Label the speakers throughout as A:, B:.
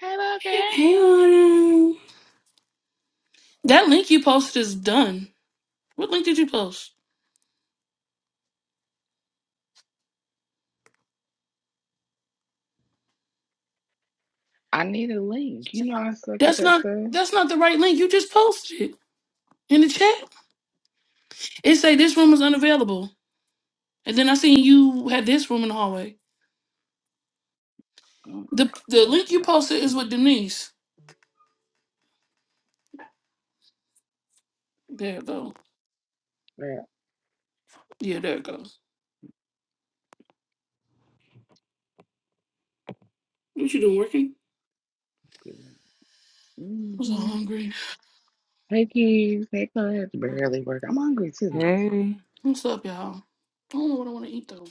A: Hello there.
B: Hey, on. That link you posted is done. What link did you post?
A: I need a link. You know I suck at
B: That's
A: that
B: not
A: stuff.
B: that's not the right link. You just posted in the chat. It say this room is unavailable. And then I seen you had this room in the hallway.
A: Oh,
B: The the
A: come on.
B: link you
A: right.
B: posted is with
A: Hmm.
B: Denise. There it go.
A: Right.
B: Yeah, there it goes. What you doing working? I'm so
A: mm-hmm.
B: hungry.
A: Hey kids, hey kids. Barely work. I'm hungry too.
C: Hey,
B: What's up, y'all? I don't know what I want to eat though.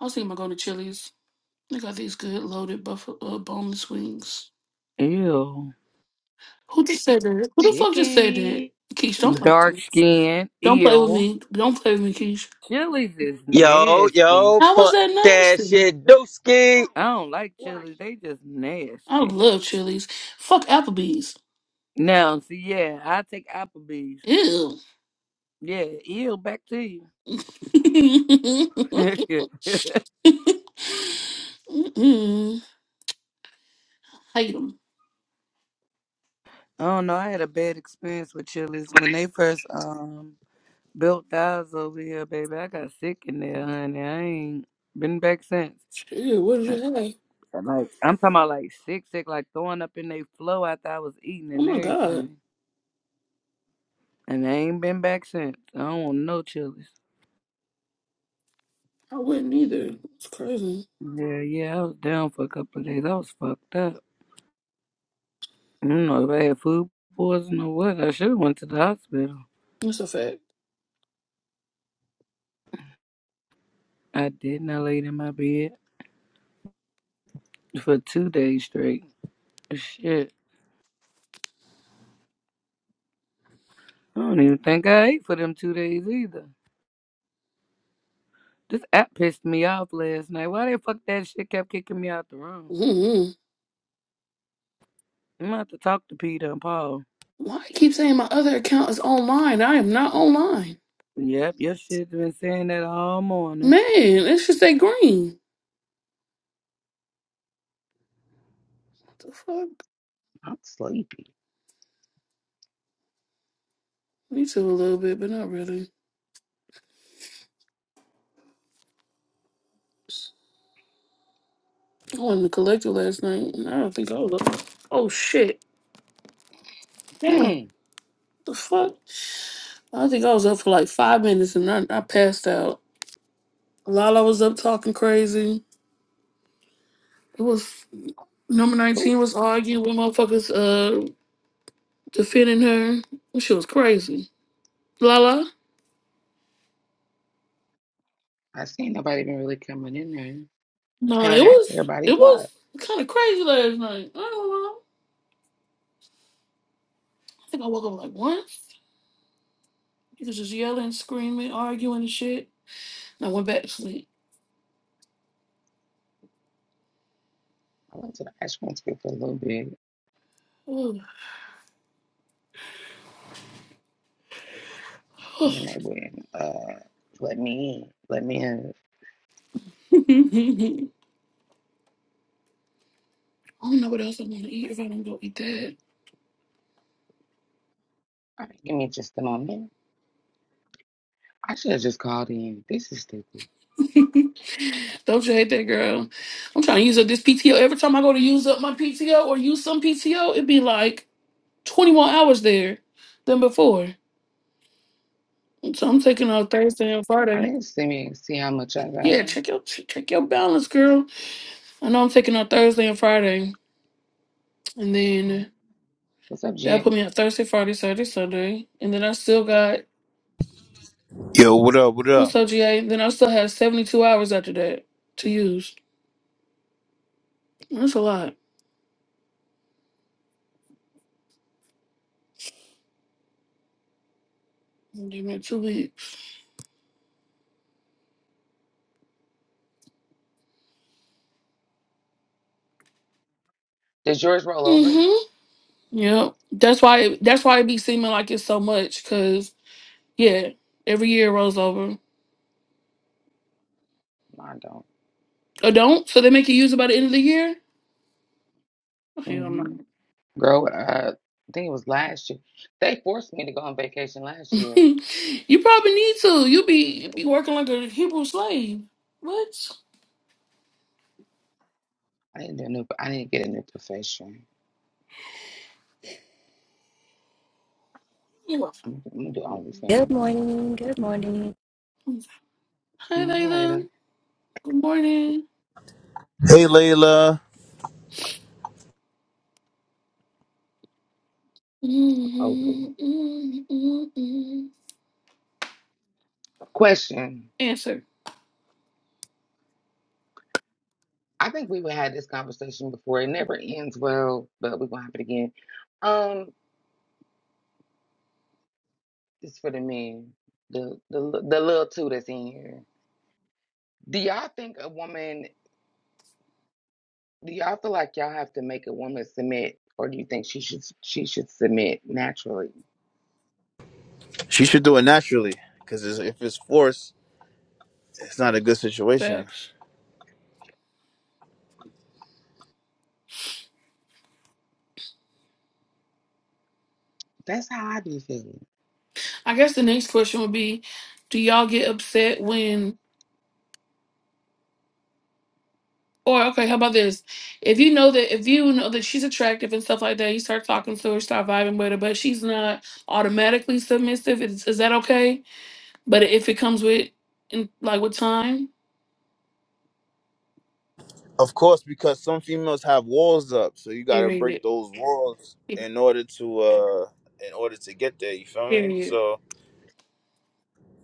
B: I was thinking about going to Chili's. They got these good loaded buffalo uh, boneless wings.
C: ew.
B: Who just said that? Who the fuck just said that?
A: Chicken.
B: Keish, don't play
C: Dark
B: me.
C: skin,
B: Don't play with
C: ew.
B: me. Don't play with me, Keish.
C: Chilies is
D: Yo,
C: nasty.
D: yo,
B: How was
D: fuck
B: that
D: that
B: nasty?
D: shit, Dooski.
C: I don't like chilies. They just
B: I
C: nasty.
B: love Chili's. Fuck Applebee's.
C: Now, see, yeah, I take Applebee's.
B: Ew.
C: Yeah, ew, back to you. I
B: Mm-mm. Hate them.
C: don't know. I had a bad experience with chilies when they first um built ours over here, baby. I got sick in there, honey. I ain't been back since.
B: Shit, what did
C: I-
B: you have?
C: Like I'm talking about like sick, sick, like throwing up in their flow after I was eating
B: Oh
C: and
B: my god.
C: everything. And I ain't been back since. I don't want no chilies.
B: I wouldn't either. It's crazy.
C: Yeah, yeah, I was down for a couple of days. I was fucked up. I don't know if I had food poisoning or what. I should have went to the hospital.
B: That's a fact.
C: I didn't. I laid in my bed for two days straight. Shit. I don't even think I ate for them two days either. This app pissed me off last night. Why the fuck that shit kept kicking me out the room?
B: Mm-mm.
C: I'm about to to talk to Peter and Paul.
B: Why I keep saying my other account is online? I am not online.
C: Yep, your shit's been saying that all morning.
B: Man, it should say green. What the fuck?
A: I'm sleepy.
B: Me too, a little bit, but not really. I went to the collector last night, and I don't think I was up. Oh shit. Damn,
A: Mm.
B: the fuck? I think I was up for like five minutes and I, I passed out. Lala was up talking crazy. It was number
A: Oh,
B: 19 was arguing with motherfuckers uh defending her. She was crazy. Lala?
A: I see nobody been really coming in there.
B: No,
A: Hell,
B: it
A: half
B: was
A: everybody
B: it
A: blocked.
B: was kinda crazy last night. I don't know. I think I woke up like once. He was just yelling, screaming, arguing and shit. And I went back to sleep.
A: I went to the Ashland School for a little bit,
B: Ugh.
A: and then they went, uh, let me in. Let me in.
B: I don't know what else I want to eat if I don't go eat that.
A: All right, give me just a moment. I should have just called in. This is stupid.
B: Don't you hate that girl? I'm trying to use up this PTO. Every time I go to use up my PTO or use some PTO, it'd be like 20 more hours there than before. So I'm taking on Thursday and
A: I
B: Friday.
A: didn't see me see how much I got.
B: Yeah, check your check your balance, girl. I know I'm taking on Thursday and Friday, and then
A: What's up,
B: that
A: Jen?
B: put me on Thursday, Friday, Saturday, Sunday, and then I still got
E: Yo, what up? What
B: what's
E: up?
B: up, GA? Then I still have 72 hours after that to use. That's a lot. Give me two weeks.
A: Does yours roll over?
B: Mm-hmm. Yep. That's why that's why it be seeming like it's so much cuz yeah, every year rolls over.
A: Mine don't.
B: Or don't? So they make you use it by the end of the year? Hell no.
A: hmm Girl, uh, I think it was last year. They forced me to go on vacation last year.
B: you probably need to. You be you be working like a Hebrew slave. What?
A: I didn't do a new. I didn't get a new profession.
B: Yeah.
A: I'm, I'm gonna do
F: Good
A: OnlyFans.
F: morning. Good morning.
B: Hi
A: More
B: Layla.
A: later.
B: Good morning.
E: Hey, Layla.
A: Over. it. Question.
B: Answer.
A: I think we've had this conversation before. It never ends well, but we're gonna have it again. Um, it's for the men. The the the little two that's in here. Do y'all think a woman? Do y'all feel like y'all have to make a woman submit, or do you think she should she should submit naturally?
E: She should do it naturally, because if it's forced, it's not a good situation.
B: Facts.
A: That's how I be feeling.
B: I guess the next question would be do y'all get upset when Or okay, how about this? If you know that if you know that she's attractive and stuff like that, you start talking to her, start vibing with her, but she's not automatically submissive. Is, is that okay? But if it comes with, in, like with time,
E: Of course, because some females have walls up, so you gotta break
B: period,
E: those walls
B: Pe-
E: in order to uh in order to get there. You feel me?
B: period.
E: So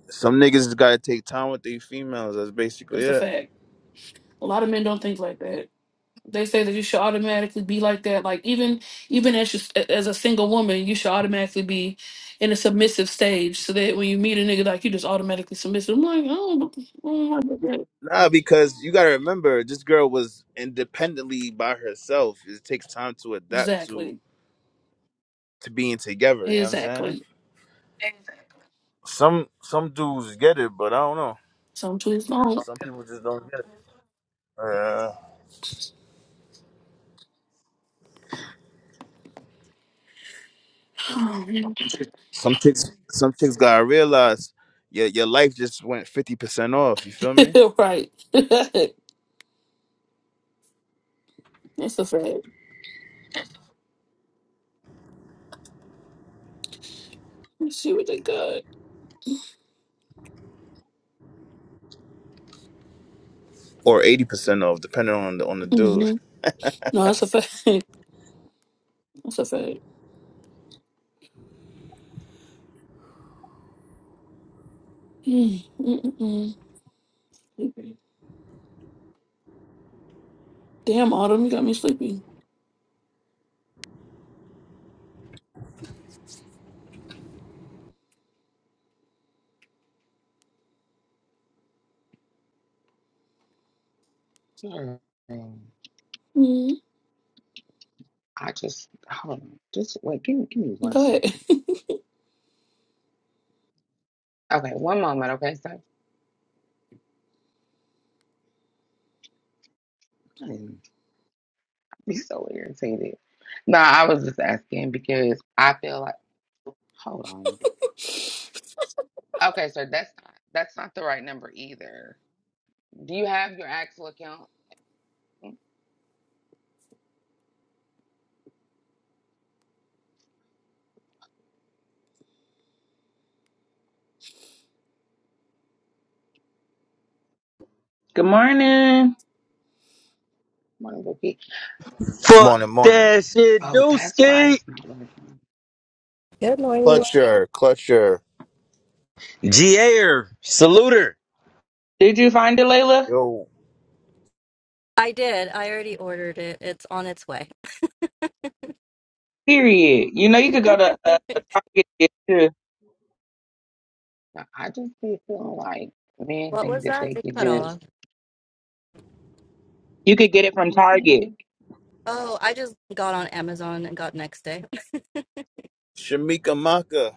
E: some niggas just gotta take time with these females. That's basically
B: That's a
E: it.
B: fact. A lot of men don't think like that. They say that you should automatically be like that. Like even even as you, as a single woman, you should automatically be in a submissive stage, so that when you meet a nigga, like you just automatically submissive. I'm like, oh, I don't like that.
E: Nah, because you gotta remember, this girl was independently by herself. It takes time to adapt
B: exactly.
E: to to being together. You know what I'm saying?
B: Exactly.
E: Some some dudes get it, but I don't know.
B: Some tools long.
E: Some people just don't get it. Uh, some chicks, some chicks gotta realize your your life just went fifty percent off. You feel me?
B: right. That's a fact. Let's See what they got.
E: Or eighty percent off, depending on the on the dude.
B: hmm No, that's a fact. That's a fact. Mm, mm, mm, mm. Damn, Autumn, you got me sleepy.
A: Hmm.
B: Mm,
A: I just hold on. Just wait. Give me give me one
B: go
A: second.
B: ahead.
A: Okay, one moment. Okay, so hmm, I'd be so irritated. No, I was just asking because I feel like hold on. Okay, so that's not that's not the right number either. Do you have your actual account?
G: Good morning.
A: Morning, Vicky.
D: Fuck
E: Morning, morning.
D: that shit,
A: Oh, that's why
D: Dooski.
A: it's not working.
F: Good morning.
E: Clutcher, clutcher.
D: GA-er, salute her.
G: Did you find it, Layla?
E: Yo,
F: I did. I already ordered it. It's on its way.
G: Period. You know you could go to uh, Target to get it, too.
A: I I just be feeling like men
F: what was
A: think that
F: that?
A: they
F: It
A: could
F: cut
A: just
F: off.
G: You could get it from
A: this ain't
G: Target.
A: working
F: Oh, I just got on Amazon and got next day.
E: Shamika Maka.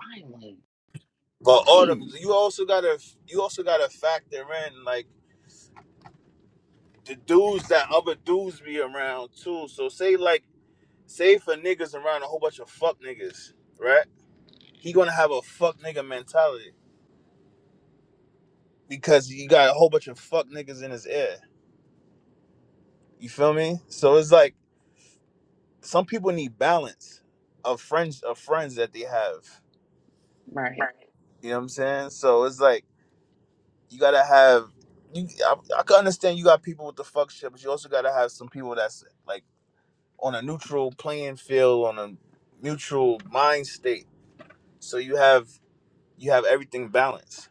A: finally.
E: But Autumn,
A: Dang.
E: you also gotta you also gotta factor in like the dudes that other dudes be around too. So say like say for niggas around a whole bunch of fuck niggas, right? He gonna have a fuck nigga mentality because you got a whole bunch of fuck niggas in his ear. You feel me? So it's like some people need balance of friends of friends that they have.
A: Right.
E: You know what I'm saying? So it's like you gotta have you. I, I can understand you got people with the fuck shit, but you also gotta have some people that's like on a neutral playing field, on a neutral mind state. So you have you have everything balanced.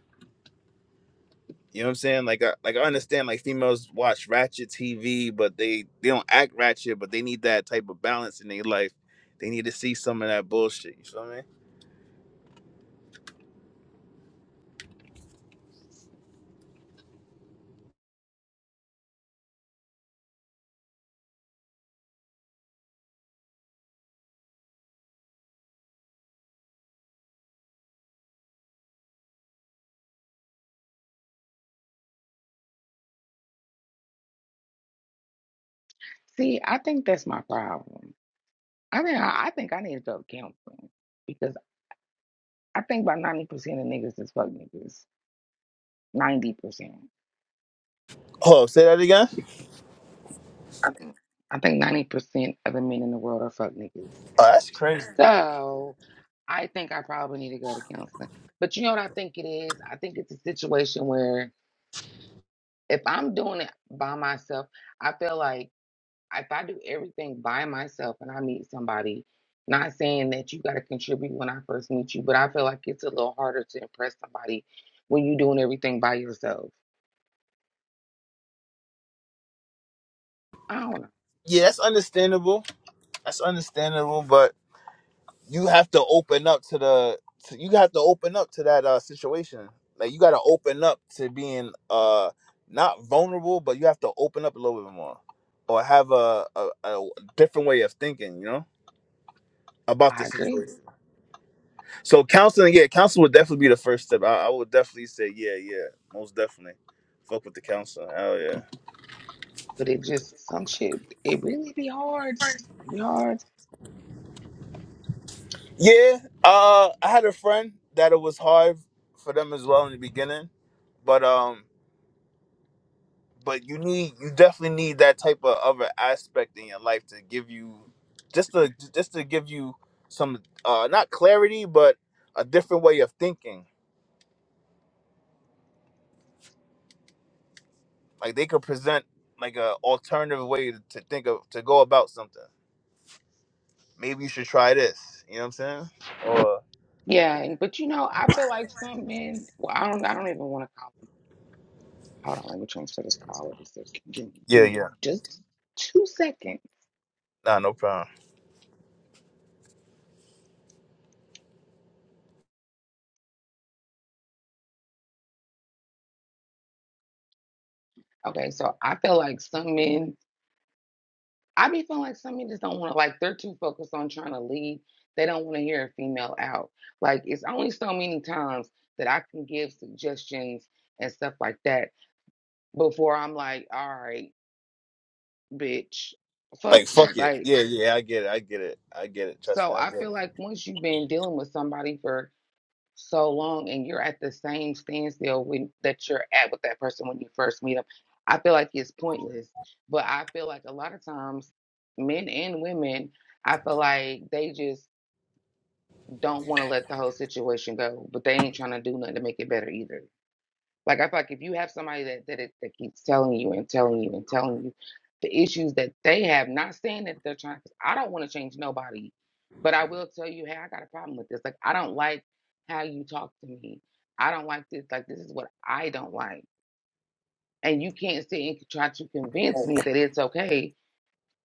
E: You know what I'm saying? Like, I, like I understand like females watch ratchet TV, but they they don't act ratchet, but they need that type of balance in their life. They need to see some of that bullshit. You feel me?
A: See, I think that's my problem. I think I, I think I need to go to counseling because I think about ninety percent of niggas is fuck niggas. Ninety percent.
E: Oh, say that again.
A: I think ninety percent of the men in the world are fuck niggas.
E: Oh, that's crazy.
A: So I think I probably need to go to counseling. But you know what I think it is? I think it's a situation where if I'm doing it by myself, I feel like if I do everything by myself and I meet somebody, not saying that you got to contribute when I first meet you, but I feel like it's a little harder to impress somebody when you're doing everything by yourself. I don't know.
E: Yeah, that's understandable. That's understandable, but you have to open up to the. To, you have to open up to that uh, situation. Like you got to open up to being uh not vulnerable, but you have to open up a little bit more, or have a a, a different way of thinking. You know about
A: I
E: the
A: agree,
E: situation. So counseling, yeah, counseling would definitely be the first step. I, I would definitely say, yeah, yeah, most definitely. Fuck with the counselor. Hell yeah.
A: but it just some shit. It really be hard. Be hard.
E: Yeah. Uh, I had a friend that it was hard for them as well in the beginning, but um, but you need, you definitely need that type of other aspect in your life to give you, just to just to give you some, uh, not clarity, but a different way of thinking. Like they could present like a alternative way to think of to go about something maybe you should try this. You know what I'm saying? Or
A: Yeah, and- but you know, I feel like some men. Well, I don't. I don't even want to call them. Hold on, let me transfer this call. Let me Give me,
E: yeah,
A: give me
E: yeah.
A: just two seconds.
E: Nah, no problem.
A: Okay, so I feel like some men I be feeling like some men just don't want to, like, they're too focused on trying to lead. They don't want to hear a female out. Like, it's only so many times that I can give suggestions and stuff like that before I'm like, all right, bitch, fuck
E: Like
A: you.
E: fuck it.
A: Like,
E: Yeah, yeah, I get it. I get it. I get it. Trust me,
A: so
E: I
A: I
E: get
A: feel
E: it.
A: like once you've been dealing with somebody for so long and you're at the same standstill when, that you're at with that person when you first meet them, I feel like it's pointless. But I feel like a lot of times, men and women, I feel like they just don't want to let the whole situation go, but they ain't trying to do nothing to make it better either. Like I feel like if you have somebody that that, it, that keeps telling you and telling you and telling you the issues that they have, not saying that they're trying. Cause I don't want to change nobody, but I will tell you, hey, I got a problem with this. Like I don't like how you talk to me. I don't like this. Like this is what I don't like, and you can't sit and try to convince me that it's okay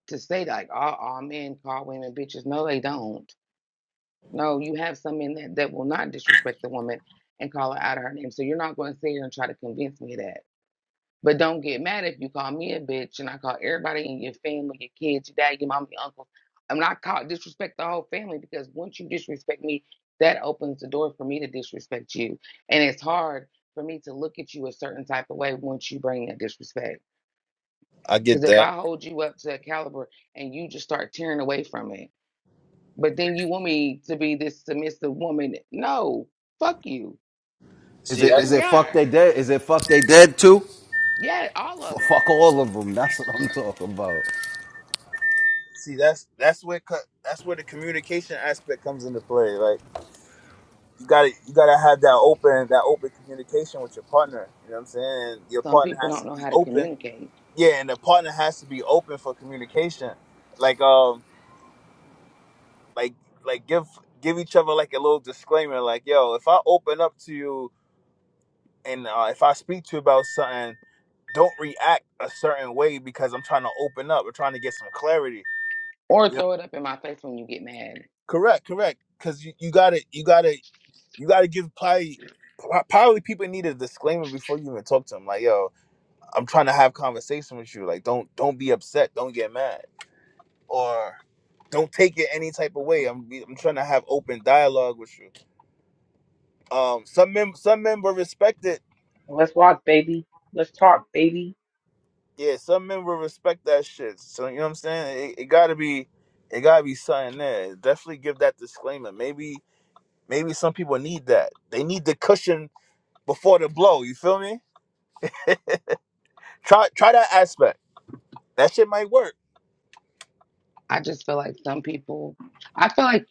A: to say that. Like, oh, all men call women bitches. No, they don't no, you have some men that, that will not disrespect the woman and call her out of her name. So you're not going to sit here and try to convince me that. But don't get mad if you call me a bitch and I call everybody in your family, your kids, your dad, your mom, your uncle. I'm not called disrespect the whole family because once you disrespect me, that opens the door for me to disrespect you. And it's hard for me to look at you a certain type of way once you bring that disrespect.
E: I
A: Because
E: get
A: if
E: that.
A: I hold you up to that caliber and you just start tearing away from it, but then you want me to be this submissive woman. No, fuck you.
H: Is
E: See
H: it
A: Here
H: is
E: that's
A: we
H: it fuck
A: are.
H: they dead? Is it fuck they dead too?
A: Yeah, all of
H: F-
A: them.
H: fuck all of them. That's what I'm talking about.
E: see that's that's where co- that's where the communication aspect comes into play. Like you gotta you gotta have that open that open communication with your partner. You know what I'm saying? Your
A: Some
E: partner
A: people
E: has
A: don't
E: to
A: know
E: be
A: how to
E: open.
A: communicate
E: Yeah, and the partner has to be open for communication. Like um like like give give each other like a little disclaimer like yo if i open up to you and uh, if I speak to you about something, don't react a certain way because I'm trying to open up or trying to get some clarity.
A: or
E: You know?
A: throw it up in my face when you get mad.
E: Correct, correct. Because you, you gotta you gotta you gotta give probably pro- probably people need a disclaimer before you even talk to them. Like, yo, I'm trying to have conversation with you. Like, don't don't be upset. Don't get mad or don't take it any type of way. I'm I'm trying to have open dialogue with you. Um, some mem- some men will respect it
G: Let's walk, baby. Let's talk, baby.
E: yeah, some men will respect that shit. So you know what I'm saying? It, it gotta be, it gotta be something there. Definitely give that disclaimer. Maybe, maybe some people need that. They need the cushion before the blow. You feel me? Try, try that aspect. That shit might work.
A: I just feel like some people, I feel like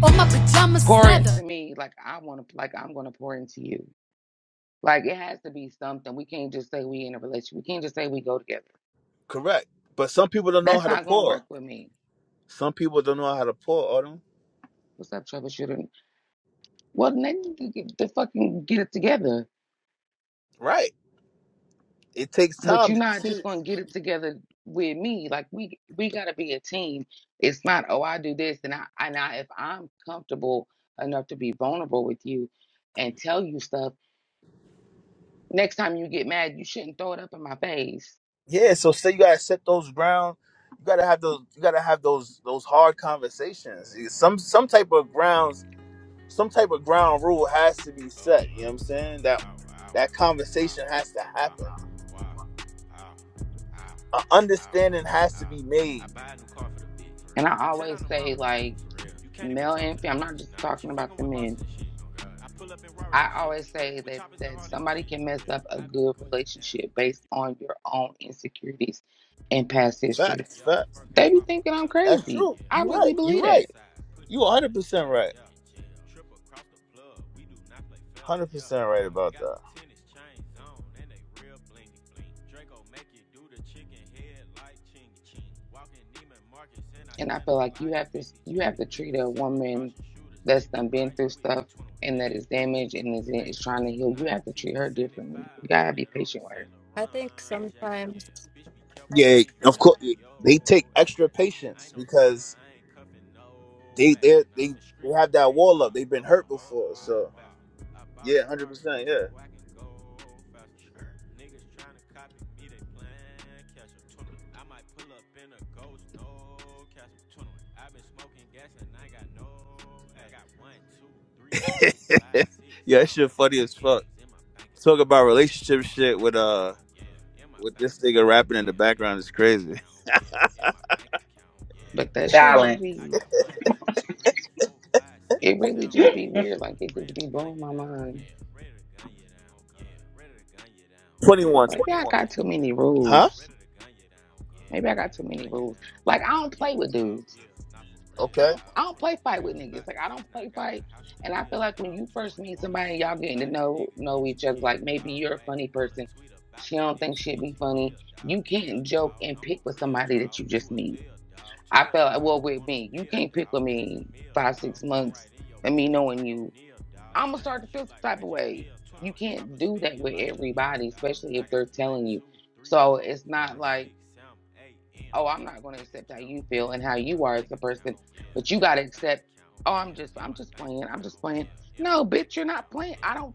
I: All my pajamas is
A: pour
I: leather.
A: into me like I want to, like I'm going to pour into you. Like it has to be something. We can't just say we in a relationship. We can't just say we go together.
E: Correct. But some people don't know
A: That's
E: how to
A: not going to
E: pour.
A: work with me.
E: Some people don't know how to pour. Autumn.
A: What's up, troubleshooter? Well, then you get to fucking get it together.
E: Right. It takes
A: but
E: time.
A: you're not
E: See.
A: just going to get it together with me like we we got to be a team it's not oh i do this and i and i if i'm comfortable enough to be vulnerable with you and tell you stuff next time you get mad you shouldn't throw it up in my face
E: Yeah. So say you gotta set those ground. You gotta have those. You gotta have those those hard conversations. Some some type of grounds some type of ground rule has to be set. You know what I'm saying? That that conversation has to happen. An understanding has to be made.
A: and i always say like male and female i'm not just talking about the men i always say that that somebody can mess up a good relationship based on your own insecurities and past history
E: Facts, facts.
A: they be thinking i'm
E: That's
A: crazy
E: true.
A: i
E: You're right.
A: really
E: You're
A: believe that
E: right. You 100 percent right. 100 percent right about that.
A: And I feel like you have to you have to treat a woman that's done been through stuff and that is damaged and is is trying to heal. You have to treat her differently. You gotta be patient with her.
F: I think sometimes
E: Yeah, of course. They take extra patience because they they they they have that wall up. They've been hurt before, so yeah, 100 percent. Yeah, yeah. That shit funny as fuck. Talk about relationship shit with uh with this nigga rapping in the background is crazy.
A: But that shit just
G: Balance.
A: be it really just be weird. Like it just be blowing my mind.
E: 21,
A: Maybe
E: twenty
A: I
E: one.
A: got too many
E: Huh?
A: rules. Maybe I got too many rules. Like I don't play with dudes.
E: Okay.
A: I don't play fight with niggas. Like I don't play fight. And I feel like when you first meet somebody, y'all getting to know know each other. Like maybe you're a funny person. She don't think she'd be funny. You can't joke and pick with somebody that you just meet. I felt like well with me, you can't pick with me five, six months and me knowing you. I'ma start to feel some type of way. You can't do that with everybody, especially if they're telling you. So it's not like oh, I'm not going to accept how you feel and how you are as a person, but you got to accept, oh, I'm just, I'm just playing. I'm just playing. No, bitch, you're not playing. I don't,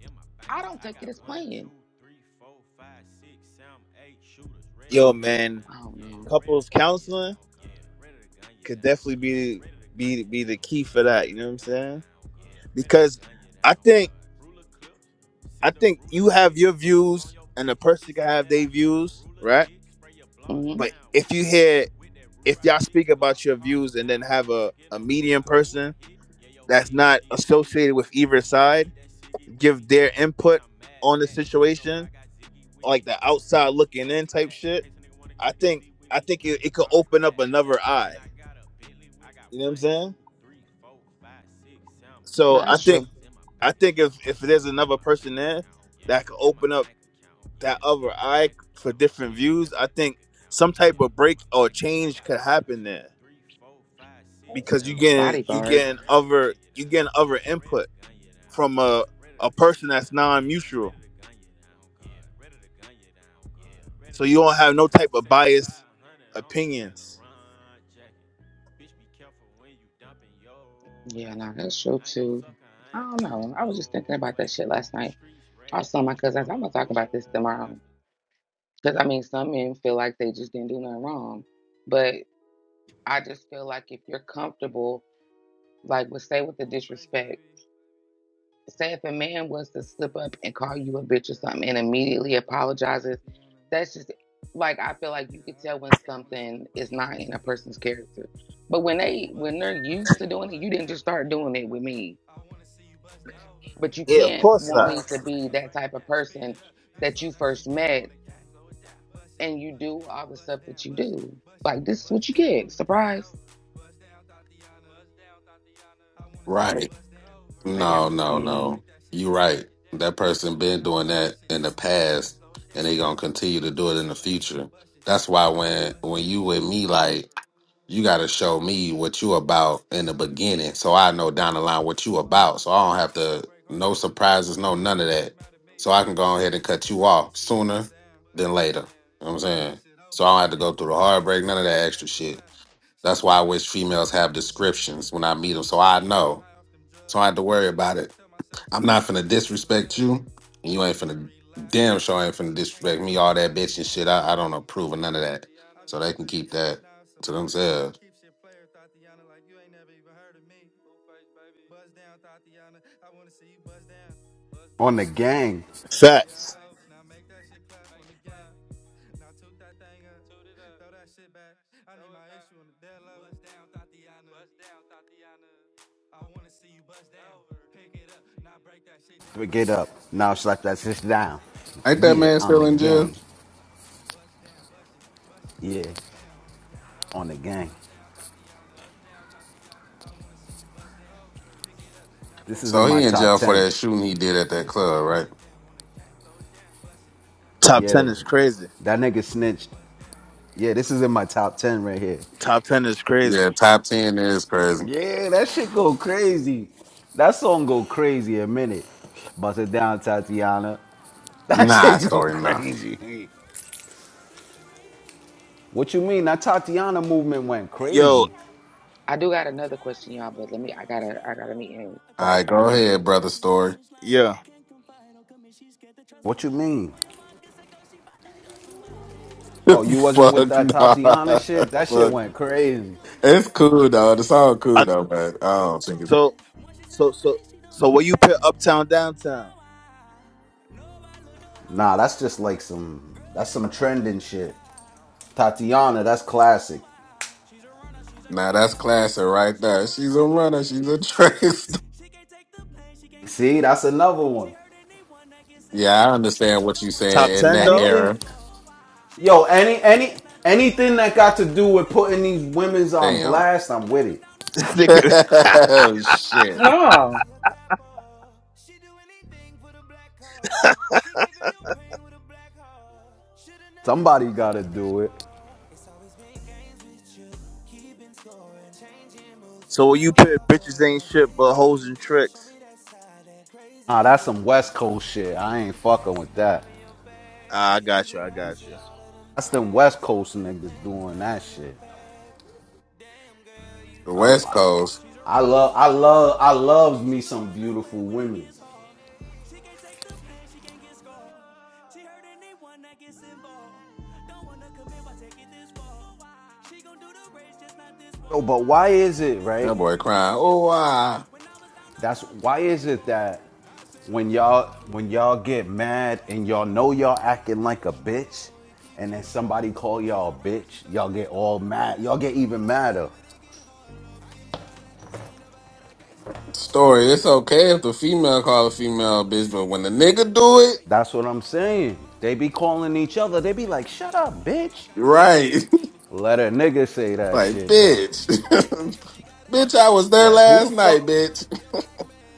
A: I don't take it as playing.
E: Yo, man,
A: Oh no.
E: couples counseling could definitely be be be the key for that. You know what I'm saying? Because I think I think you have your views, and the person can have their views, right?
A: Mm-hmm.
E: But if you hear if y'all speak about your views and then have a a medium person that's not associated with either side give their input on the situation like the outside looking in type shit, I think I think it, it could open up another eye. You know what I'm saying? So
A: No,
E: I
A: that's
E: think
A: true.
E: I think if if there's another person there that could open up that other eye for different views, I think some type of break or change could happen there
A: Yeah,
E: because you
A: the
E: getting you
A: bodyguard.
E: getting other you getting other input from a a person that's non-mutual. So you don't have no type of biased opinions.
A: Yeah, no, that's true too. I don't know. I was just thinking about that shit last night. I was telling my cousins, I'm gonna talk about this tomorrow. Because I mean, some men feel like they just didn't do nothing wrong, but I just feel like if you're comfortable, like, with say with the disrespect. say if a man was to slip up and call you a bitch or something and immediately apologizes, that's just like I feel like you could tell when something is not in a person's character. But when they when they're used to doing it, you didn't just start doing it with me. But you
E: Yeah, of
A: can't
E: course
A: want
E: not.
A: me to be that type of person that you first met and you do all the stuff that you do. Like this is what you get. Surprise. I don't know.
J: Right.
A: Maybe I'm
J: No,
A: just
J: no,
A: mean.
J: no. You're right. That person been doing that in the past and they gonna continue to do it in the future. That's why when when you with me, like you gotta show me what you about in the beginning so I know down the line what you about. So I don't have to no surprises, no none of that. So I can go ahead and cut you off sooner than later. You know what I'm saying? So I don't have to go through the heartbreak, none of that extra shit. That's why I wish females have descriptions when I meet them so I know. So I had to worry about it. I'm not finna disrespect you. and You ain't finna damn sure ain't finna disrespect me, all that bitch and shit. I, I don't approve of none of that. So they can keep that to themselves.
H: On the gang,
E: Facts.
H: get up. Now slap that shit down.
J: Ain't that
H: Yeah,
J: man
H: on
J: still
H: the
J: in jail?
H: gang. Yeah, on the gang. This is in
J: So he
H: my
J: in
H: top
J: jail for
H: ten.
J: that shooting he did at that club, right?
E: Top
H: Yeah,
E: ten
H: that,
E: is crazy.
H: that nigga snitched. Yeah, this is in my top ten right here.
E: Top ten is crazy.
J: Yeah, top ten is crazy.
H: Yeah, that shit go crazy. That song go crazy a minute. Bust it down, Tatiana. That
J: Nah,
H: shit go
J: story, nah.
H: crazy. What you mean? That Tatiana movement went
E: Yo,
H: crazy.
A: I do got another question, y'all, but let me I gotta I gotta meet in
J: All
A: like
J: right,
A: five
J: go
A: minutes,
J: ahead,
A: one second.
J: brother story.
E: yeah.
H: What you mean? Oh, you wasn't with
J: Fuck
H: that
J: nah.
H: Tatiana shit? That shit
J: Fuck.
H: went crazy.
J: It's cool though. The song cool
E: I,
J: though, but I don't think it's
E: so, so, so, so, where you put uptown, downtown?
H: Nah, that's just like some that's some trending shit. Tatiana, that's classic.
J: Now that's classic right there. She's a runner. She's a track star.
H: See, that's another one.
J: Yeah, I understand what you're
E: Top
J: saying in
E: ten
J: that
E: though.
H: Anything
J: era.
H: yo, any any anything that got to do with putting these women's on
J: Damn.
H: blast, I'm with it.
E: This nigga.
J: oh shit.
G: no,
H: Somebody gotta do it.
E: so where you put bitches ain't shit but hoes and tricks?
H: Nah, that's some West Coast shit. I ain't fucking with that.
E: Ah, I got you. I got you.
H: That's them West Coast niggas doing that shit.
J: The
H: I.
J: West
H: I,
J: Coast.
H: I love, I love, I loves me some beautiful women. Oh, but why is it right?
J: That boy crying. Oh wow.
H: That's why is it that when y'all when y'all get mad and y'all know y'all acting like a bitch, and then somebody call y'all a bitch, y'all get all mad. Y'all get even madder.
J: Story. It's okay if the female call a female a bitch, but when the nigga do it,
H: That's what I'm saying. They be calling each other. They be like, "Shut up, bitch."
J: right?
H: Let a nigga say that
J: like
H: shit though.
J: bitch. bitch, I was there
H: Like, who the
J: last night,
H: fuck?
J: bitch.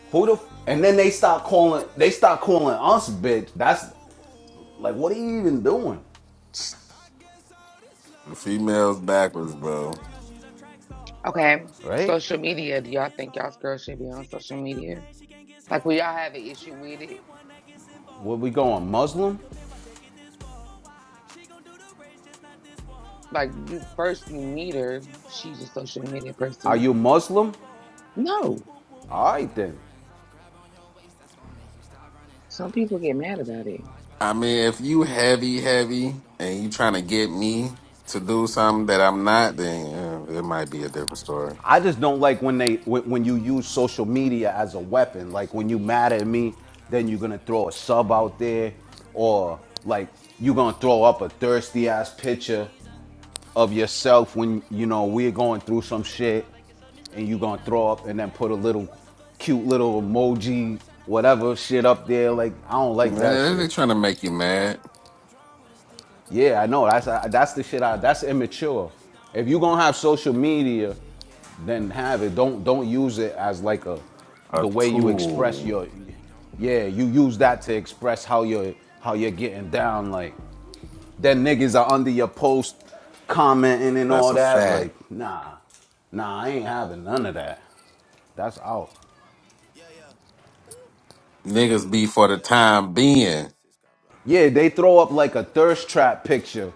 H: Who the? F-? And then they start calling. They start calling us bitch. That's Like, what are you even doing?
J: The females backwards, bro.
A: Okay,
H: Right?
A: social media. Do y'all think y'all's girls should be on social media? Like, will y'all have an issue with it?
H: Where we going? Muslim?
A: Like, you first you meet her, she's a social media
H: Are
A: person.
H: you Muslim?
A: No,
H: All right then.
A: Some people get mad
I: My chain
A: about
I: and
A: it.
I: watch buzz
J: I
I: and you
J: mean, if
I: look
J: you
I: at me like you
J: heavy,
I: want something,
J: heavy,
I: don't keep
J: and you
I: it
J: trying
I: low
J: to get me to do something that I'm not, then uh, it might be a different story.
H: I just don't like when they when, when you use social media as a weapon. Like when you mad at me, then you're gonna throw a sub out there, or like you're gonna throw up a thirsty ass picture of yourself when you know we're going through some shit, and you're gonna throw up and then put a little cute little emoji whatever shit up there. Like I don't like that
J: Man, they
H: shit.
J: trying to make you mad.
H: Yeah, I know. That's I- that's the shit. I that's immature. If you gonna have social media, then have it. Don't don't use it as like a
J: A
H: the way you express
J: tool.
H: your. Yeah, you use that to express how you're how you're getting down. Like then niggas are under your post commenting and
J: That's
H: all
J: a
H: that.
J: fact.
H: Like nah, nah, I ain't having none of that. That's out.
J: Niggas be for the time being.
H: Yeah, they throw up like a thirst trap picture,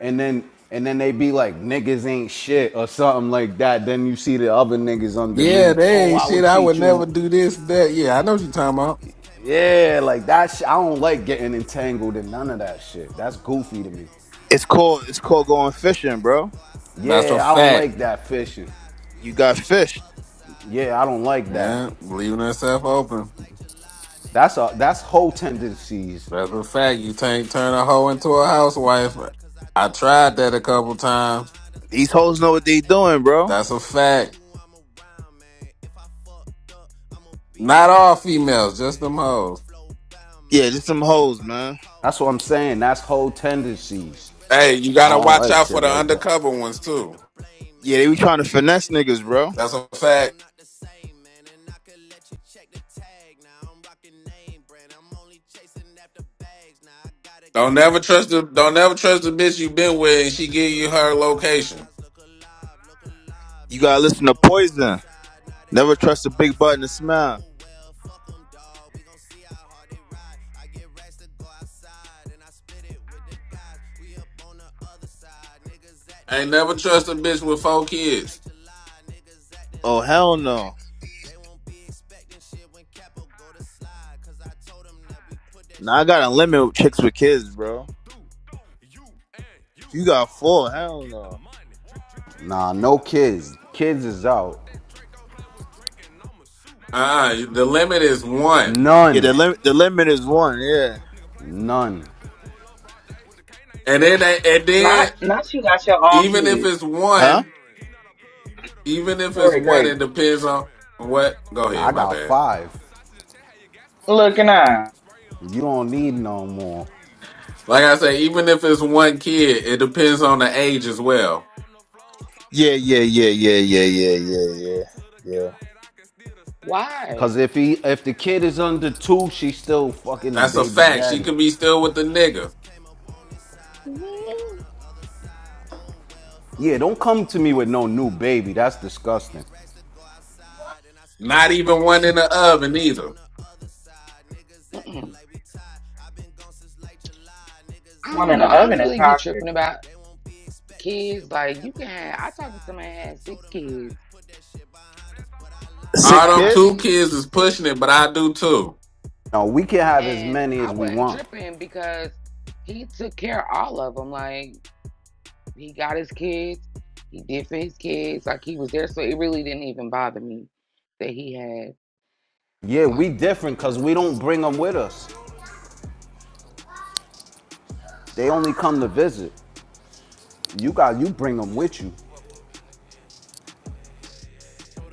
H: and then and then they be like niggas ain't shit or something like that. Then you see the other niggas
J: Yeah,
H: underneath.
J: they
H: Oh,
J: ain't
H: I would
J: shit. I would
H: treat you.
J: never do this, that. Yeah, I know what you talking about.
H: Yeah, like that. Sh- I don't like getting entangled in none of that shit. That's goofy to me.
E: It's called. It's called going fishing, bro.
J: That's a
H: Yeah, I don't
J: fact.
H: like that fishing.
E: You got fished.
H: Yeah, I don't like that.
J: Yeah, leaving herself open.
H: That's a that's whole tendencies.
J: That's a fact. You can't turn a hoe into a housewife. I tried that a couple times.
E: These hoes know what they doing, bro.
J: That's a fact. Not all females, just them hoes.
E: Yeah, just some hoes, man.
H: That's what I'm saying. That's whole tendencies.
J: Hey, you
H: I
J: gotta
H: don't
J: watch
H: like
J: out for
H: shit
J: the
H: like that.
J: undercover ones too.
E: Yeah, they be trying to finesse niggas, bro.
J: That's a fact. Don't never trust the don't never trust the bitch you been with and she give you her location.
E: You gotta listen to poison. Never trust a big butt and a smile.
J: Ain't never trust a bitch with four kids.
E: Oh hell no. Now I gotta limit chicks with kids, bro. If you got four, hell no.
H: Nah, no kids. Kids is out.
J: Uh the limit is one.
E: Yeah, the
H: None.
E: limit the limit is one. Yeah.
H: None.
J: And then and
G: not
J: then
G: not you got your own
J: even if it's
G: kids.
E: Huh?
J: one, even if it's
G: Story
J: one,
G: crazy.
J: it depends on what go ahead,
H: I
J: my
H: got
J: bad.
H: five.
G: Looking on.
H: You don't need no more.
J: Like I say, even if it's one kid, it depends on the age as well.
E: Yeah, yeah, yeah, yeah, yeah, yeah, yeah, yeah, yeah.
A: why?
H: Cause if he if the kid is under two, she's still fucking the
J: That's a
H: baby
J: fact. She
H: daddy.
J: could be still with the nigga.
A: Mm,
H: Yeah, don't come to me with no new baby. That's disgusting.
J: Not even one in the oven either.
A: Mm-mm. I
G: One
A: don't
G: in
A: know.
G: the
A: I don't
G: oven is
A: really be tripping
G: toxic.
A: about kids. Like, you can have. I talked to somebody that had six kids,
E: Six
A: but
J: All them
A: I
E: kids?
A: didn't
J: two kids is
A: six,
J: pushing it, but I do too.
H: No, we can have as
A: and
H: many
A: I
H: as we
A: wasn't
H: want.
A: tripping because he took care of all of them. Like. He got his kids. He did for his kids. Like he was there. So it really didn't even bother me that he had
H: Yeah,
A: all
H: we
A: the fucking
H: different cause we don't
A: kids.
H: bring them with us. They only come to visit. You got you bring them with you.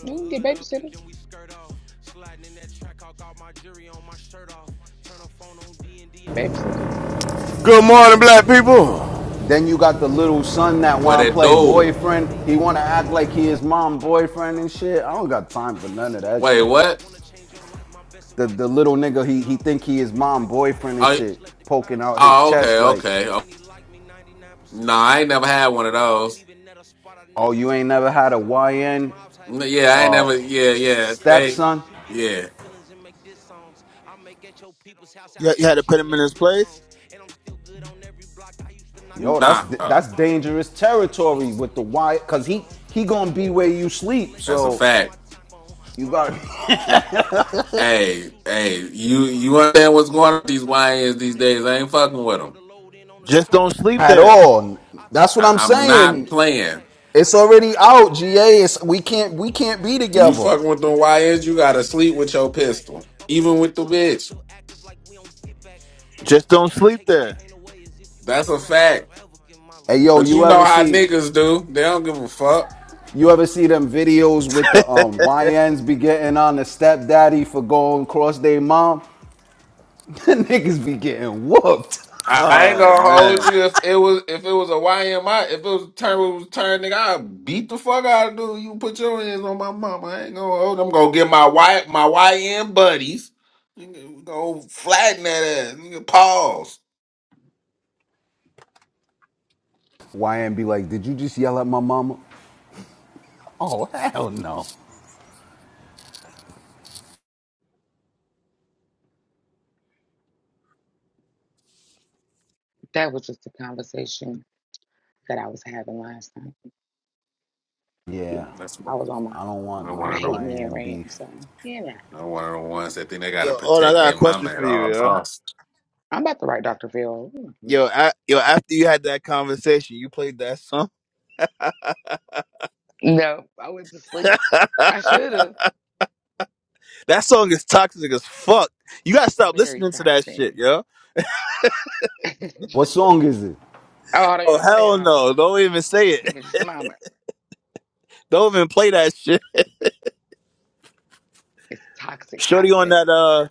A: You can get
I: hood up and
A: babysitter.
I: then we skirt off. Sliding in that track, I got my jury on my shirt off. Turn the phone on D and D on
A: Babysitter.
I: silent, all alerts off.
K: Good morning,
I: It's a
K: black
I: fast car, but I'm
K: people.
I: moving
H: Then
I: slow. I
H: you
I: like
H: got the
I: my
H: little
I: syrup, bro.
H: son that
J: What
H: wanna
I: Every
J: it
H: play
I: nigga
J: do?
I: around me shoot
H: boyfriend.
I: they,
H: He
I: you can
H: wanna
I: get they
H: act like he
I: merch
H: is
I: off.
H: mom
I: I don't work
H: boyfriend
I: out,
H: and
I: but
H: shit.
I: I
H: I don't
I: got more
H: got time
I: paper
H: for
I: than your
H: none of
I: big
H: that
J: Wait,
I: dog.
H: shit.
J: what?
I: Wanna change your life? My best
H: the the
I: advice: a
H: little
I: brick of
H: nigga he
I: fitting
H: he
I: off.
H: think he
I: This
H: his
I: bitch
H: mom
I: type is wife,
H: boyfriend
I: I
H: and
J: Oh,
I: might
H: shit
I: just let the
H: poking
I: condom
H: out his
I: slip
J: oh okay,
H: chest
I: off.
H: like
I: Ain't too
J: okay. Oh,
I: many like me, 99% of
J: no,
I: them
J: I ain't never
I: rip-offs.
J: had one of
I: On point,
J: those.
I: even at a spot, I
H: oh
I: never
H: you
I: take
H: ain't
I: my
H: never had
I: kicks
H: a
I: off. Ask
H: YN
I: my ops how it
J: N-
I: feel to
J: Yeah, I ain't
I: wake up
J: never. Yeah,
I: daily and get
J: yeah.
I: shit on.
J: They,
H: stepson
I: You get in your
J: yeah.
I: feelings and make diss songs. I make at your people's house
E: You you had
I: outside
E: to put
I: shooting
E: them
I: they
E: in this
I: flick songs.
E: place.
I: And I'm still good on every block I used to knock
H: yo that's
I: peas
J: Nah,
I: on.
J: oh,
H: that's
I: Boss, I get
H: dangerous
I: you chalk, my name ain't
H: territory with
I: something
H: the
I: that you
H: Y
I: speak
H: cuz he
I: on.
H: he
I: Pulled
H: going to
I: out
H: be
I: 20
H: where you
I: something just to
H: sleep
I: let
J: that's a
I: Johnny
H: so
I: put
J: fact.
I: my teeth on.
H: you
I: My
H: got
I: money 10 feet tall, but I ain't something you
J: Hey,
I: shoot
J: hey,
I: at. Kill
J: you
I: something
J: you
I: you won't
J: understand
I: lock
J: what's
I: in
J: going on
I: with
J: with these
I: us. I thought you
J: YNs
I: knew
J: these
I: that.
J: days? I ain't
I: My
J: fucking
I: plug
J: with
I: drove
J: them.
I: the load in on the
E: Just
I: truck.
E: don't
I: Next day
E: sleep
I: he
H: at
I: flew
E: there.
I: back.
H: all
I: I talk
H: that's what
I: so
H: I'm
I: much
J: I, I'm
I: shit I
J: not
I: need
H: saying
I: a tic
J: playing.
I: tac. I
H: it's
I: got
H: already
I: five
H: out
I: thousand for
H: GA
I: you.
H: it's,
I: Help me
H: we
I: set this
H: can't we
I: wolf
H: can't
I: trap.
H: be
J: You
I: Started
H: together
I: a
J: fucking
I: new
J: with them
I: strand, smoking
J: YNs, you
I: your
J: gotta
I: man. This
J: sleep
I: here a
J: with your
I: wolf pack.
J: pistol,
I: Up on
J: even
I: the
J: with the
I: score, but we
J: bitch.
I: still active like we don't get back. Only
E: Just
I: thing
E: don't
I: gon'
E: sleep
I: take that
E: there.
I: pain away is if
J: That's
I: you
J: a
I: get racks.
J: fact.
I: Forever get my
H: hey
I: lick
H: yo
I: back.
J: But you
H: you
J: know
H: ever
J: how
H: see
J: niggas do. They don't give a fuck.
H: you ever see them videos with the um YNs be getting on the stepdaddy for going cross their mom Niggas be getting whooped.
J: I I ain't
E: Oh
J: gonna hold
E: man.
J: you if it was if it was a YMI, if it was a turn it was a turn nigga, I beat the fuck out of dude. You put your hands on my mama. I ain't gonna hold I'm gonna get my Y my YM buddies. Nigga, Go flatten that ass. Nigga pause.
H: YN be like, did you just yell at my mama? Oh, hell no.
A: That was just a conversation that I was having last night. You
H: Yeah,
A: know,
J: That's
A: I
J: one
A: was on my
H: I don't want
J: I'm
H: no
A: I
J: one of them.
A: hate men
H: YN
A: rant.
H: beef.
A: So, you know,
J: I'm one of the ones that think they gotta
E: Yo, oh, I
J: protect
E: got a
J: their
E: question
J: mama
E: for
J: at
E: you,
J: all
E: yo.
J: costs.
A: I'm about to write Dr. Phil.
E: Yo,
A: Mm-hmm.
E: I, yo, after you had that conversation, you played that song.
A: No, I went to sleep. I should have.
E: that song is toxic as fuck. You gotta stop
A: Very
E: listening to that
A: toxic.
E: shit, yo.
A: oh,
H: What song is it?
A: hold on,
E: Oh
A: you play it.
E: hell
A: Hold on.
E: no! Don't even say
A: Give
E: it.
A: me just a moment.
E: Don't even play that shit.
A: It's toxic,
E: Shorty on
A: toxic.
E: that uh,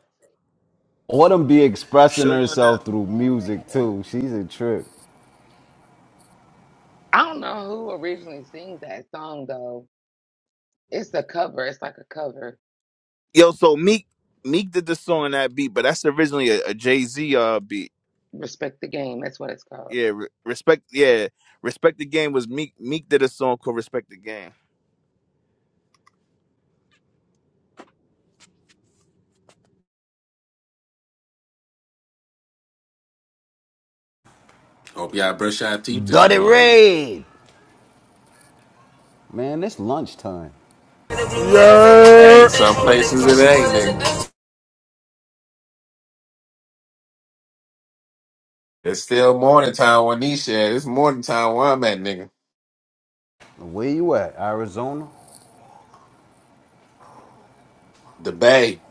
H: Autumn be expressing
E: Shorty on that.
H: herself through music too. She's a trip.
A: I don't know who originally sings that song though. It's a cover. It's like a cover.
E: Yo, so Meek Meek did the song on that beat, but that's originally a, a Jay Z uh beat.
A: Respect the game. That's what it's called.
E: Yeah, re- respect. Yeah, respect the game was Meek. Meek did a song called Respect the Game.
J: Hope y'all brush your teeth this
H: Dirty
J: morning.
H: Raid! Man, it's lunchtime.
J: Hey, some
K: Yeah.
J: places it ain't, nigga. It's still morning time on these shit. It's morning time where I'm at, nigga.
H: Where you at? Arizona?
J: The Bay.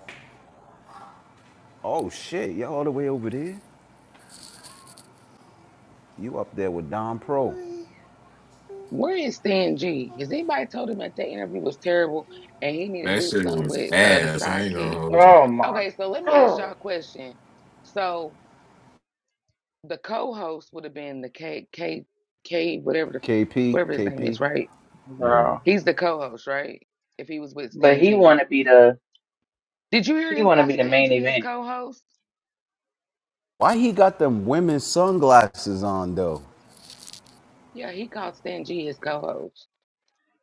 H: Oh shit, y'all all the way over there? You up there with Don Pro.
A: Where is Stan G? Has anybody told him that the interview was terrible and he need to
J: That
A: do
J: shit
A: something
J: was
A: with uh, the
J: ass. I ain't gonna
A: sidekick.
J: hold you.
G: Oh my
A: Okay, so let me ask
G: god.
A: y'all a question. So the co-host would have been the K K K whatever the
H: KP,
A: whatever his name
H: KP.
A: is, right?
J: Yeah.
G: Bro.
A: He's the co-host, right? If he was with
G: But
A: Stan
G: he
A: G.
G: wanna be the
A: Did you hear
G: he
A: him
G: wanna
A: call
G: be the
A: Stan
G: main
A: G his
G: event.
A: co-host?
H: Why he got them women's sunglasses on though?
A: Yeah, he called Stan G his co-host.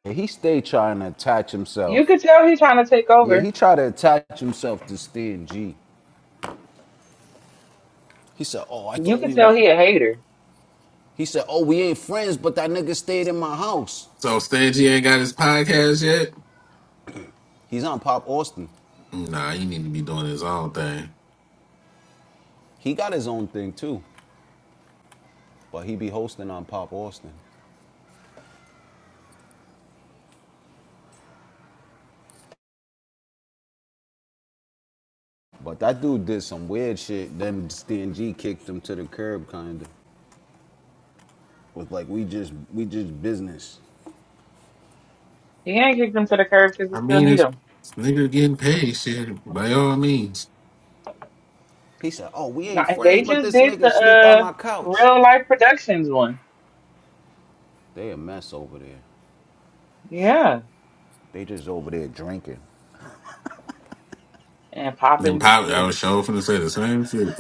H: Yeah, he stayed trying to attach
G: You
H: himself.
G: could tell he's trying to take
H: Yeah,
G: over.
H: he tried to attach himself to Stan G. He said, "Oh, I
G: You
H: thought
G: could
H: we." Was...
G: tell he a hater.
H: He said, "Oh, we ain't friends, but that nigga stayed in my house."
J: So Stingy ain't got his podcast yet?
H: He's on Pop Austin.
J: Nah, he need to be doing his own thing.
H: He got his own thing too, but he be hosting on Pop Austin. But that dude did some weird shit. Then Stan G kicked him to the curb, kinda. Was like, "We just, we just business."
G: He ain't kicked him to the curb because he
J: I
G: still
J: mean,
G: need
J: if
G: him.
J: nigga getting paid, shit, by all means.
H: He said, "Oh, we
G: No,
H: ain't
G: and
H: friends,
G: they
H: but
G: just
H: this
G: did the
H: nigga sleep on
G: uh
H: my couch."
G: real life productions one.
H: They a mess over there.
G: Yeah.
H: They just over there drinking.
G: And
J: And
G: popping
J: pop, I
G: views.
J: was sure finna say the same shit.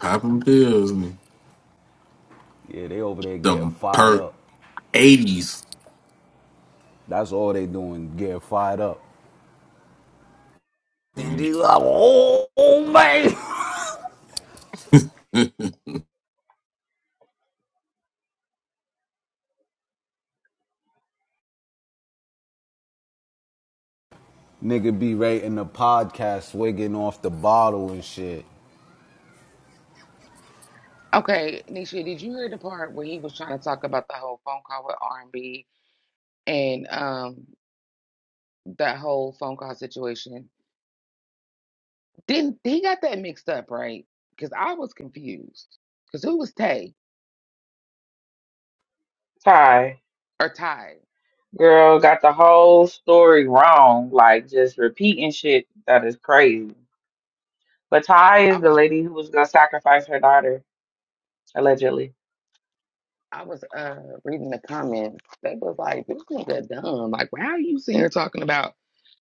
J: Popping pills and
H: Yeah, they over there getting
J: the
H: fired
J: perk
H: up.
J: 80s.
H: That's all they doing, getting fired up. Then they like, oh, oh, man. Nigga be rating the podcast, swigging off the bottle and shit.
A: Okay, Nisha, did you hear the part where he was trying to talk about the whole phone call with R&B and B and um that whole phone call situation? Didn't he got that mixed up, right? Because I was confused. Because who was Tay
G: Ty,
A: or Ty?
G: girl, got the whole story wrong, like just repeating shit that is crazy. But Ty
A: I
G: is the
A: was
G: lady who was gonna sacrifice her daughter, allegedly.
A: I was uh reading the comments. They was like, "This nigga dumb. Like, why are you sitting here talking about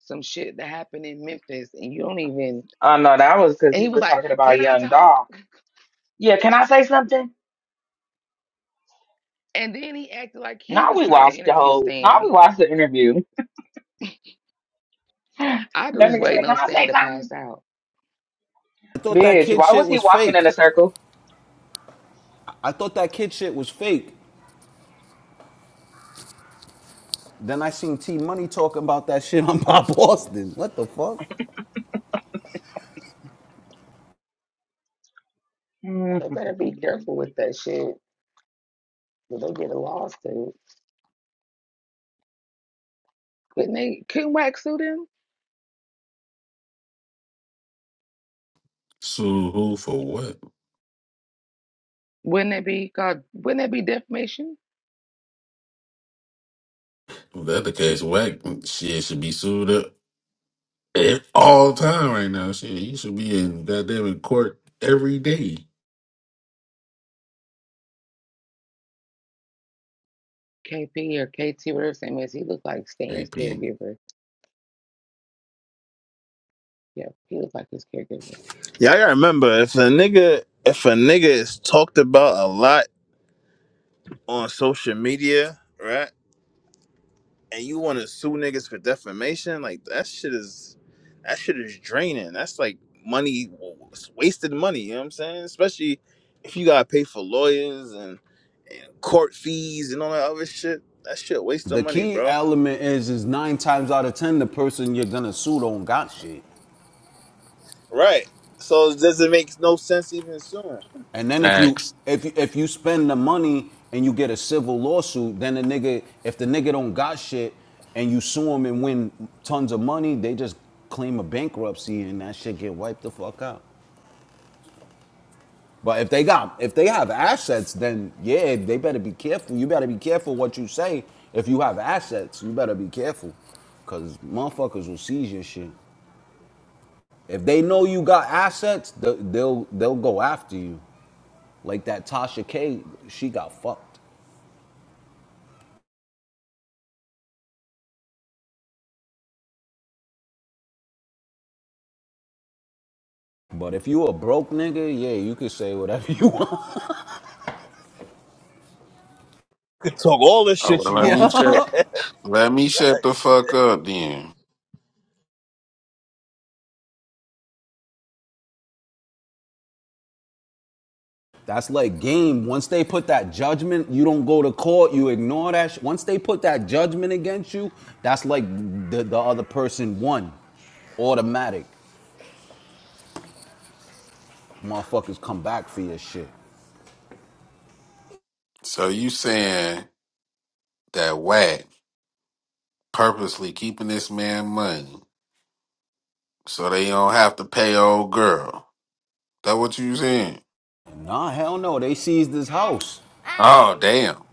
A: some shit that happened in Memphis and you don't even?"
G: Oh no, that was because
A: And
G: he
A: he was
G: was
A: like,
G: talking about
A: "Can I
G: young
A: talk?"
G: doll. Yeah, can I say something?
A: And then he acted like he
G: Now
A: was
G: we
A: trying to
G: watched the
A: interview
G: whole now
A: Stan.
G: we watched the interview. that
A: I just
G: nigga said,
A: waiting on
G: Can I
A: Stan
G: say
A: to pass
G: something?
A: out.
H: I thought that
G: Bitch,
H: kid
G: why
H: shit
G: was he
H: was
G: walking in
H: fake.
G: a circle?
H: I- thought that kid shit was fake. Then I seen T Money talking about that shit on Pop Austin. What the fuck?
A: They better be careful with that shit. If they get a lawsuit, couldn't they? Couldn't Wax sue them?
J: Sue who for what?
A: Wouldn't it be called? Wouldn't that be defamation?
J: If that the case, whack shit should be sued up. Ev- all the time right now. Shit, you should be in goddamn in court every day.
A: KP or KT, whatever his name is, he looked like Stan's
J: AP
A: caregiver. Yeah, he looked like his caregiver.
E: Yeah, I gotta remember if a nigga if a nigga is talked about a lot on social media, right? and you want to sue niggas for defamation, like that shit is that shit is draining. That's like money, it's wasted money. You know what I'm saying? Especially if you gotta pay for lawyers and, and court fees and all that other shit. That shit waste of
H: The
E: money,
H: key
E: bro.
H: element is, is nine times out of ten, the person you're gonna sue don't got shit.
E: Right. So it doesn't make no sense even suing.
H: And then if you
J: facts.
H: if if you spend the money and you get a civil lawsuit, then the nigga if the nigga don't got shit and you sue him and win tons of money, they just claim a bankruptcy and that shit get wiped the fuck out. But if they got if they have assets, then yeah, they better be careful. You better be careful what you say. If you have assets, you better be careful, cause motherfuckers will seize your shit. If they know you got assets, th- they'll they'll go after you. Like that Tasha K, she got fucked. But if you a broke nigga, yeah, you can say whatever you want.
E: You can talk all the
J: Oh,
E: shit
J: well,
E: you
J: let me
E: want.
J: shut.
H: yeah.
J: Let me shut the fuck up then.
H: That's like game. Once they put that judgment, you don't go to court, you ignore that. Sh- Once they put that judgment against you, that's like the, the other person won. Automatic. Motherfuckers come back for your shit.
J: So you saying that whack purposely keeping this man money so they don't have to pay old girl? That what you saying?
H: Nah, hell no. They seized his house.
J: Oh damn,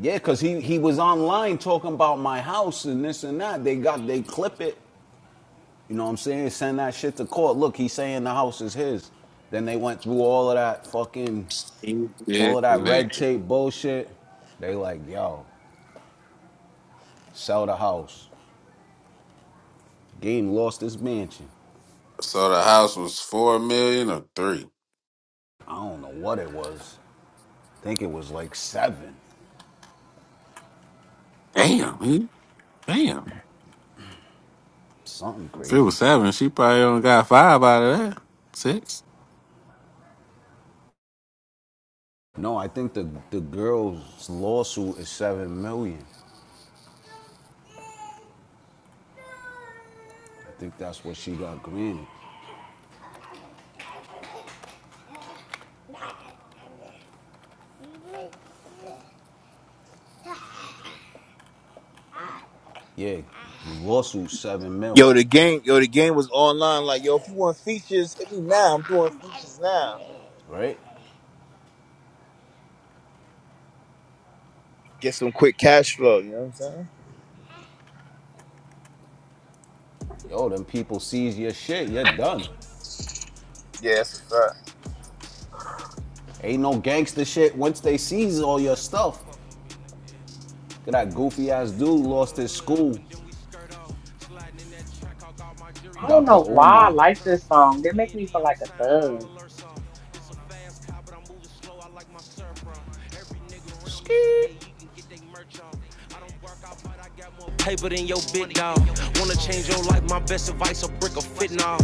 H: Yeah, cause he he was online talking about my house and this and that. They got they clip it You know what I'm saying? Send that shit to court. Look, he's saying the house is his. Then they went through all of that fucking, all of
J: Stupid
H: that red
J: nigga.
H: tape bullshit. They like, yo, sell the house. Game lost his mansion.
J: So the house was four million or three?
H: I don't know what it was. I think it was like seven,
J: Damn, he, damn.
H: something
J: If it
H: crazy.
J: was seven, she probably only got five out of that. Six.
H: No, I think the the girl's lawsuit is seven million. I think that's what she got granted. Yeah, lawsuit seven mil,
E: yo, the game, yo, the game was online. Like, yo, if you want features, hit me now. I'm doing features now.
H: right?
E: Get some quick cash flow. You know what I'm saying?
H: Yo, them people seize your shit. You're done.
E: Yeah, that's a fact.
H: Ain't no gangster shit. Once they seize all
I: Niggas know
H: your
I: y'all can't
H: stuff,
I: fuck with me, nigga.
H: that goofy ass dude
I: Throw
H: lost
I: the
H: his
I: hood up
H: school,
I: and then we skirt off. Sliding in that track, I got my jury
G: I
I: on
G: don't
I: my
H: Dr.
G: know
I: shirt off.
G: why I
H: Omar.
G: like
I: Turn the
G: this
I: phone on
G: song. It
I: D
G: make
I: and
G: me
I: D
G: feel
I: on
G: like a
I: silent, all
G: thug.
I: alerts off. It's a fast car, but I'm moving slow. I like my surf, bro. Every nigga around me shoot
H: Skeet.
I: they, you can get they merch off. I don't work out, but I got more paper than your big dog. Wanna change your life? My best advice: a brick of fitting off.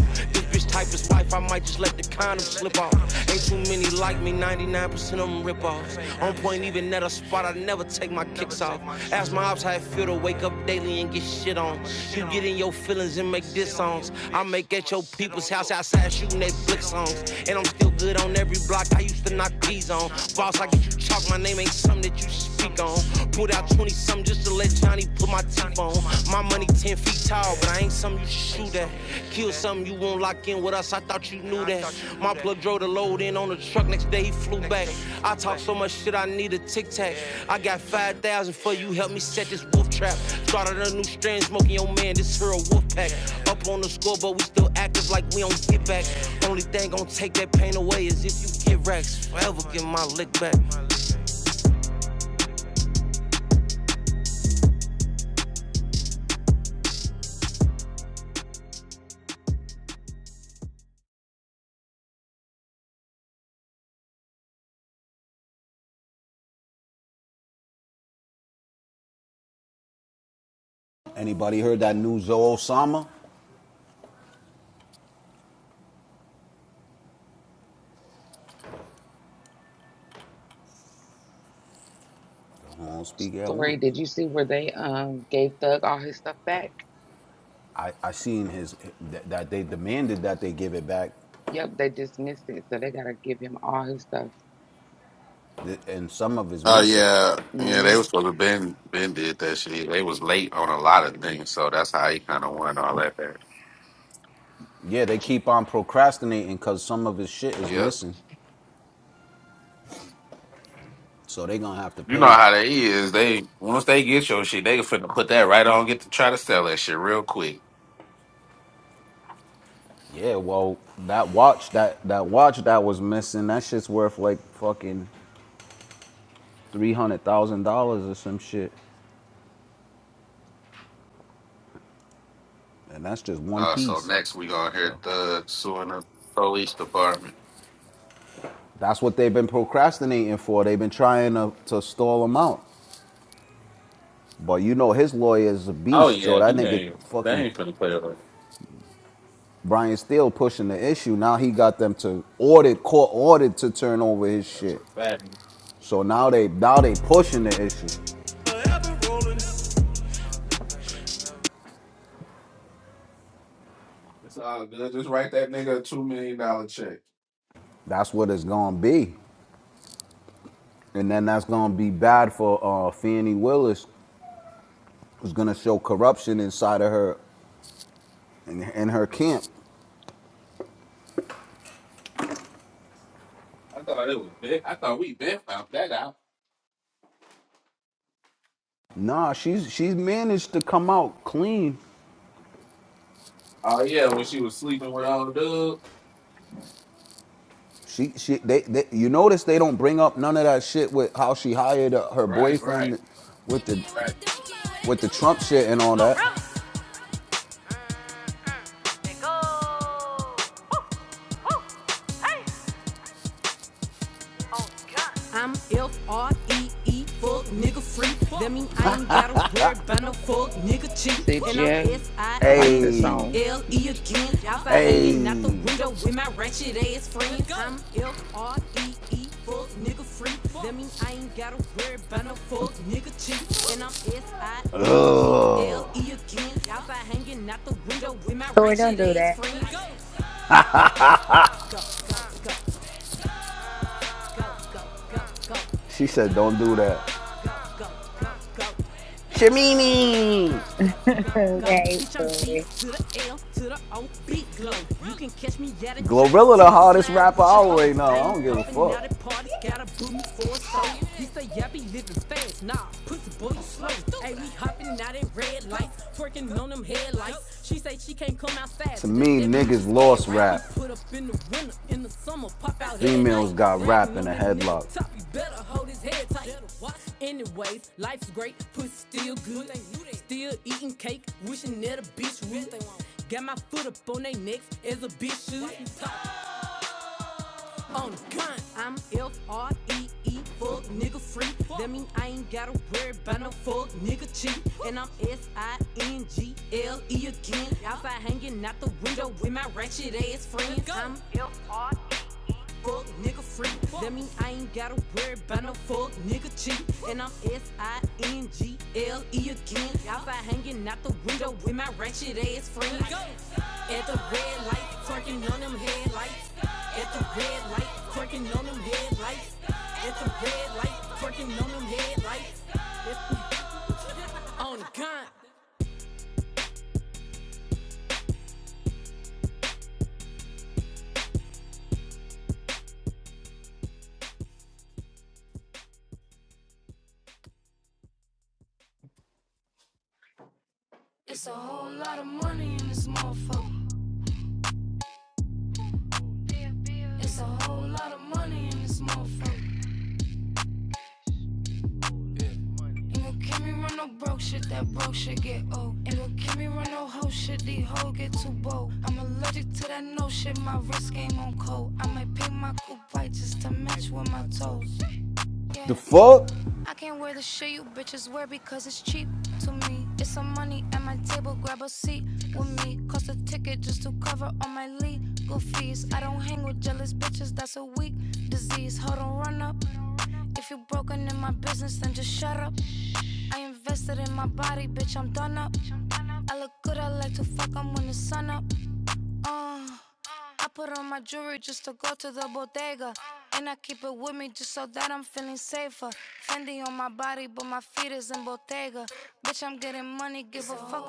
I: This type is wife, I might just let the condom slip off. Ain't too many like me, 99% of them rip-offs. On point, even at a spot, I never take my kicks off. Ask my ops how it feel to wake up daily and get shit on. You get in your feelings and make diss songs. I make at your people's house outside shooting they flick songs. And I'm still good on every block, I used to knock these on. Boss, I get you chalk, my name ain't something that you should speak on. Pulled out 20 something just to let Johnny put my teeth on. My money 10 feet tall, but I ain't something you should shoot at. Kill something you won't lock in with us, I thought you knew that. My plug drove the load in on the truck, next day he flew back. I talk so much shit, I need a tic tac. I got 5,000 for you, help me set this wolf trap. Started a new strand, smoking your man, this here a wolf pack. Up on the scoreboard, we still active like we don't get back. Only thing gon' take that pain away is if you get racks. Forever get my lick back.
H: Anybody heard that new Zoe Osama? I don't speak at
A: Sorry,
H: once.
A: did you see where they um gave Thug all his stuff back?
H: I, I seen his that, that they demanded that they give it back,
A: Yep, they dismissed it, so they gotta give him all his stuff.
H: and some of it's
J: Oh
H: missing.
J: yeah, yeah. They
A: Mm-hmm.
J: was supposed to Ben. Ben did that shit. They was late on a lot of things, so that's how he kind of won all that. Back.
H: Yeah, they keep on procrastinating because some of his shit is
J: Yep.
H: missing, so they gonna have to
J: You know
H: pay.
J: how they is. They once they get your shit, they finna put that right on. Get to try to sell that shit real quick.
H: Yeah, well, that watch that that watch that was missing, that shit's worth like fucking three hundred thousand dollars or some shit, and that's just one
J: Uh, so
H: piece.
J: next we gonna hear
H: So
J: Thug suing the police department.
H: that's what they've been procrastinating for. They've been trying to, to stall him out, but you know his lawyer is a
J: Oh
H: beast. So
J: yeah,
H: that
J: he
H: nigga
J: ain't. They
H: fucking
J: ain't finna play with. it.
H: Brian Steele pushing the issue. Now he got them to audit court audit to turn over his
J: That's a
H: shit.
J: fact.
H: So now they now they pushing the issue.
J: It's all good. Just write that nigga a two million dollar check.
H: That's what it's gonna be, and then that's gonna be bad for uh, Fannie Willis, who's gonna show corruption inside of her in, in her camp.
J: I thought it was big. I thought we been found that out.
H: Nah, she's she's managed to come out clean.
J: Oh yeah, when she was sleeping with old dude.
H: She she they, they you notice they don't bring up none of that shit with how she hired uh, her
J: Right, right,
H: boyfriend with the
J: right.
H: with the Trump shit and all that.
I: I'm F R E E, fuck nigga free. That mean I ain't gotta worry about no fuck nigga cheat.
A: See,
I: And I'm
A: Jay,
I: S I
A: I like
I: N
A: this
I: G
H: Hey,
A: song.
I: L E again. Outside hanging out the
H: hey,
I: window with my ratchet ass friends. I'm F R E E, fuck nigga free. That mean I ain't gotta worry about no fuck nigga cheat. And I'm S I N G L
H: ugh.
I: E again. Outside hanging out the window with my
L: Story, don't
I: ratchet
L: do
I: ass
L: that.
I: friends. Go, go, go, go. Go, go, go, go,
H: She said, "Don't do that."
I: go, go, go,
H: Shamimi,
I: go, go, go.
L: That is
I: Bitch, I'm
L: story.
I: G to the L to the O, big glow. You can catch me out in traffic,
H: Glorilla, the
I: tinted,
H: hottest
I: slime
H: rapper
I: with your
H: out right
I: hoes. I
H: now. I
I: ain't
H: don't give a
I: popping out
H: fuck.
I: at parties, gotta boot me for a show. He say, yeah, I be living fast, nah, pussy boy, you slow. Hey, we hopping out at red lights, twerking on them headlights. She say she can't come come outside
H: To
I: today.
H: me,
I: That means she
H: niggas
I: scared,
H: lost
I: right? I be
H: rap.
I: put up in the winter, in the summer, pop out every night.
H: Females got
I: Bragging
H: rap in
I: on
H: a
I: that
H: headlock.
I: nigga top, you better hold his head tight. Anyways, life's great, pussy still good. Still eating cake, wishing that a bitch would. Got my foot up on they necks as a bitch should on the grind. I'm F R E E, full nigga free. That mean I ain't gotta worry about no full nigga cheat. And I'm S I N G L E again. Outside hanging out the window with my ratchet ass friends. I'm fuck nigga free. That mean I ain't gotta worry about no fuck nigga cheat. And I'm S I N G L E again. Outside hanging out the window with my ratchet ass friends. At the red light, twerking on them headlights. At the red light, twerking on them headlights. At the red light, twerking on them headlights. on the gun.
H: The fuck?
I: up, up, nigga. If nigga, give a fuck,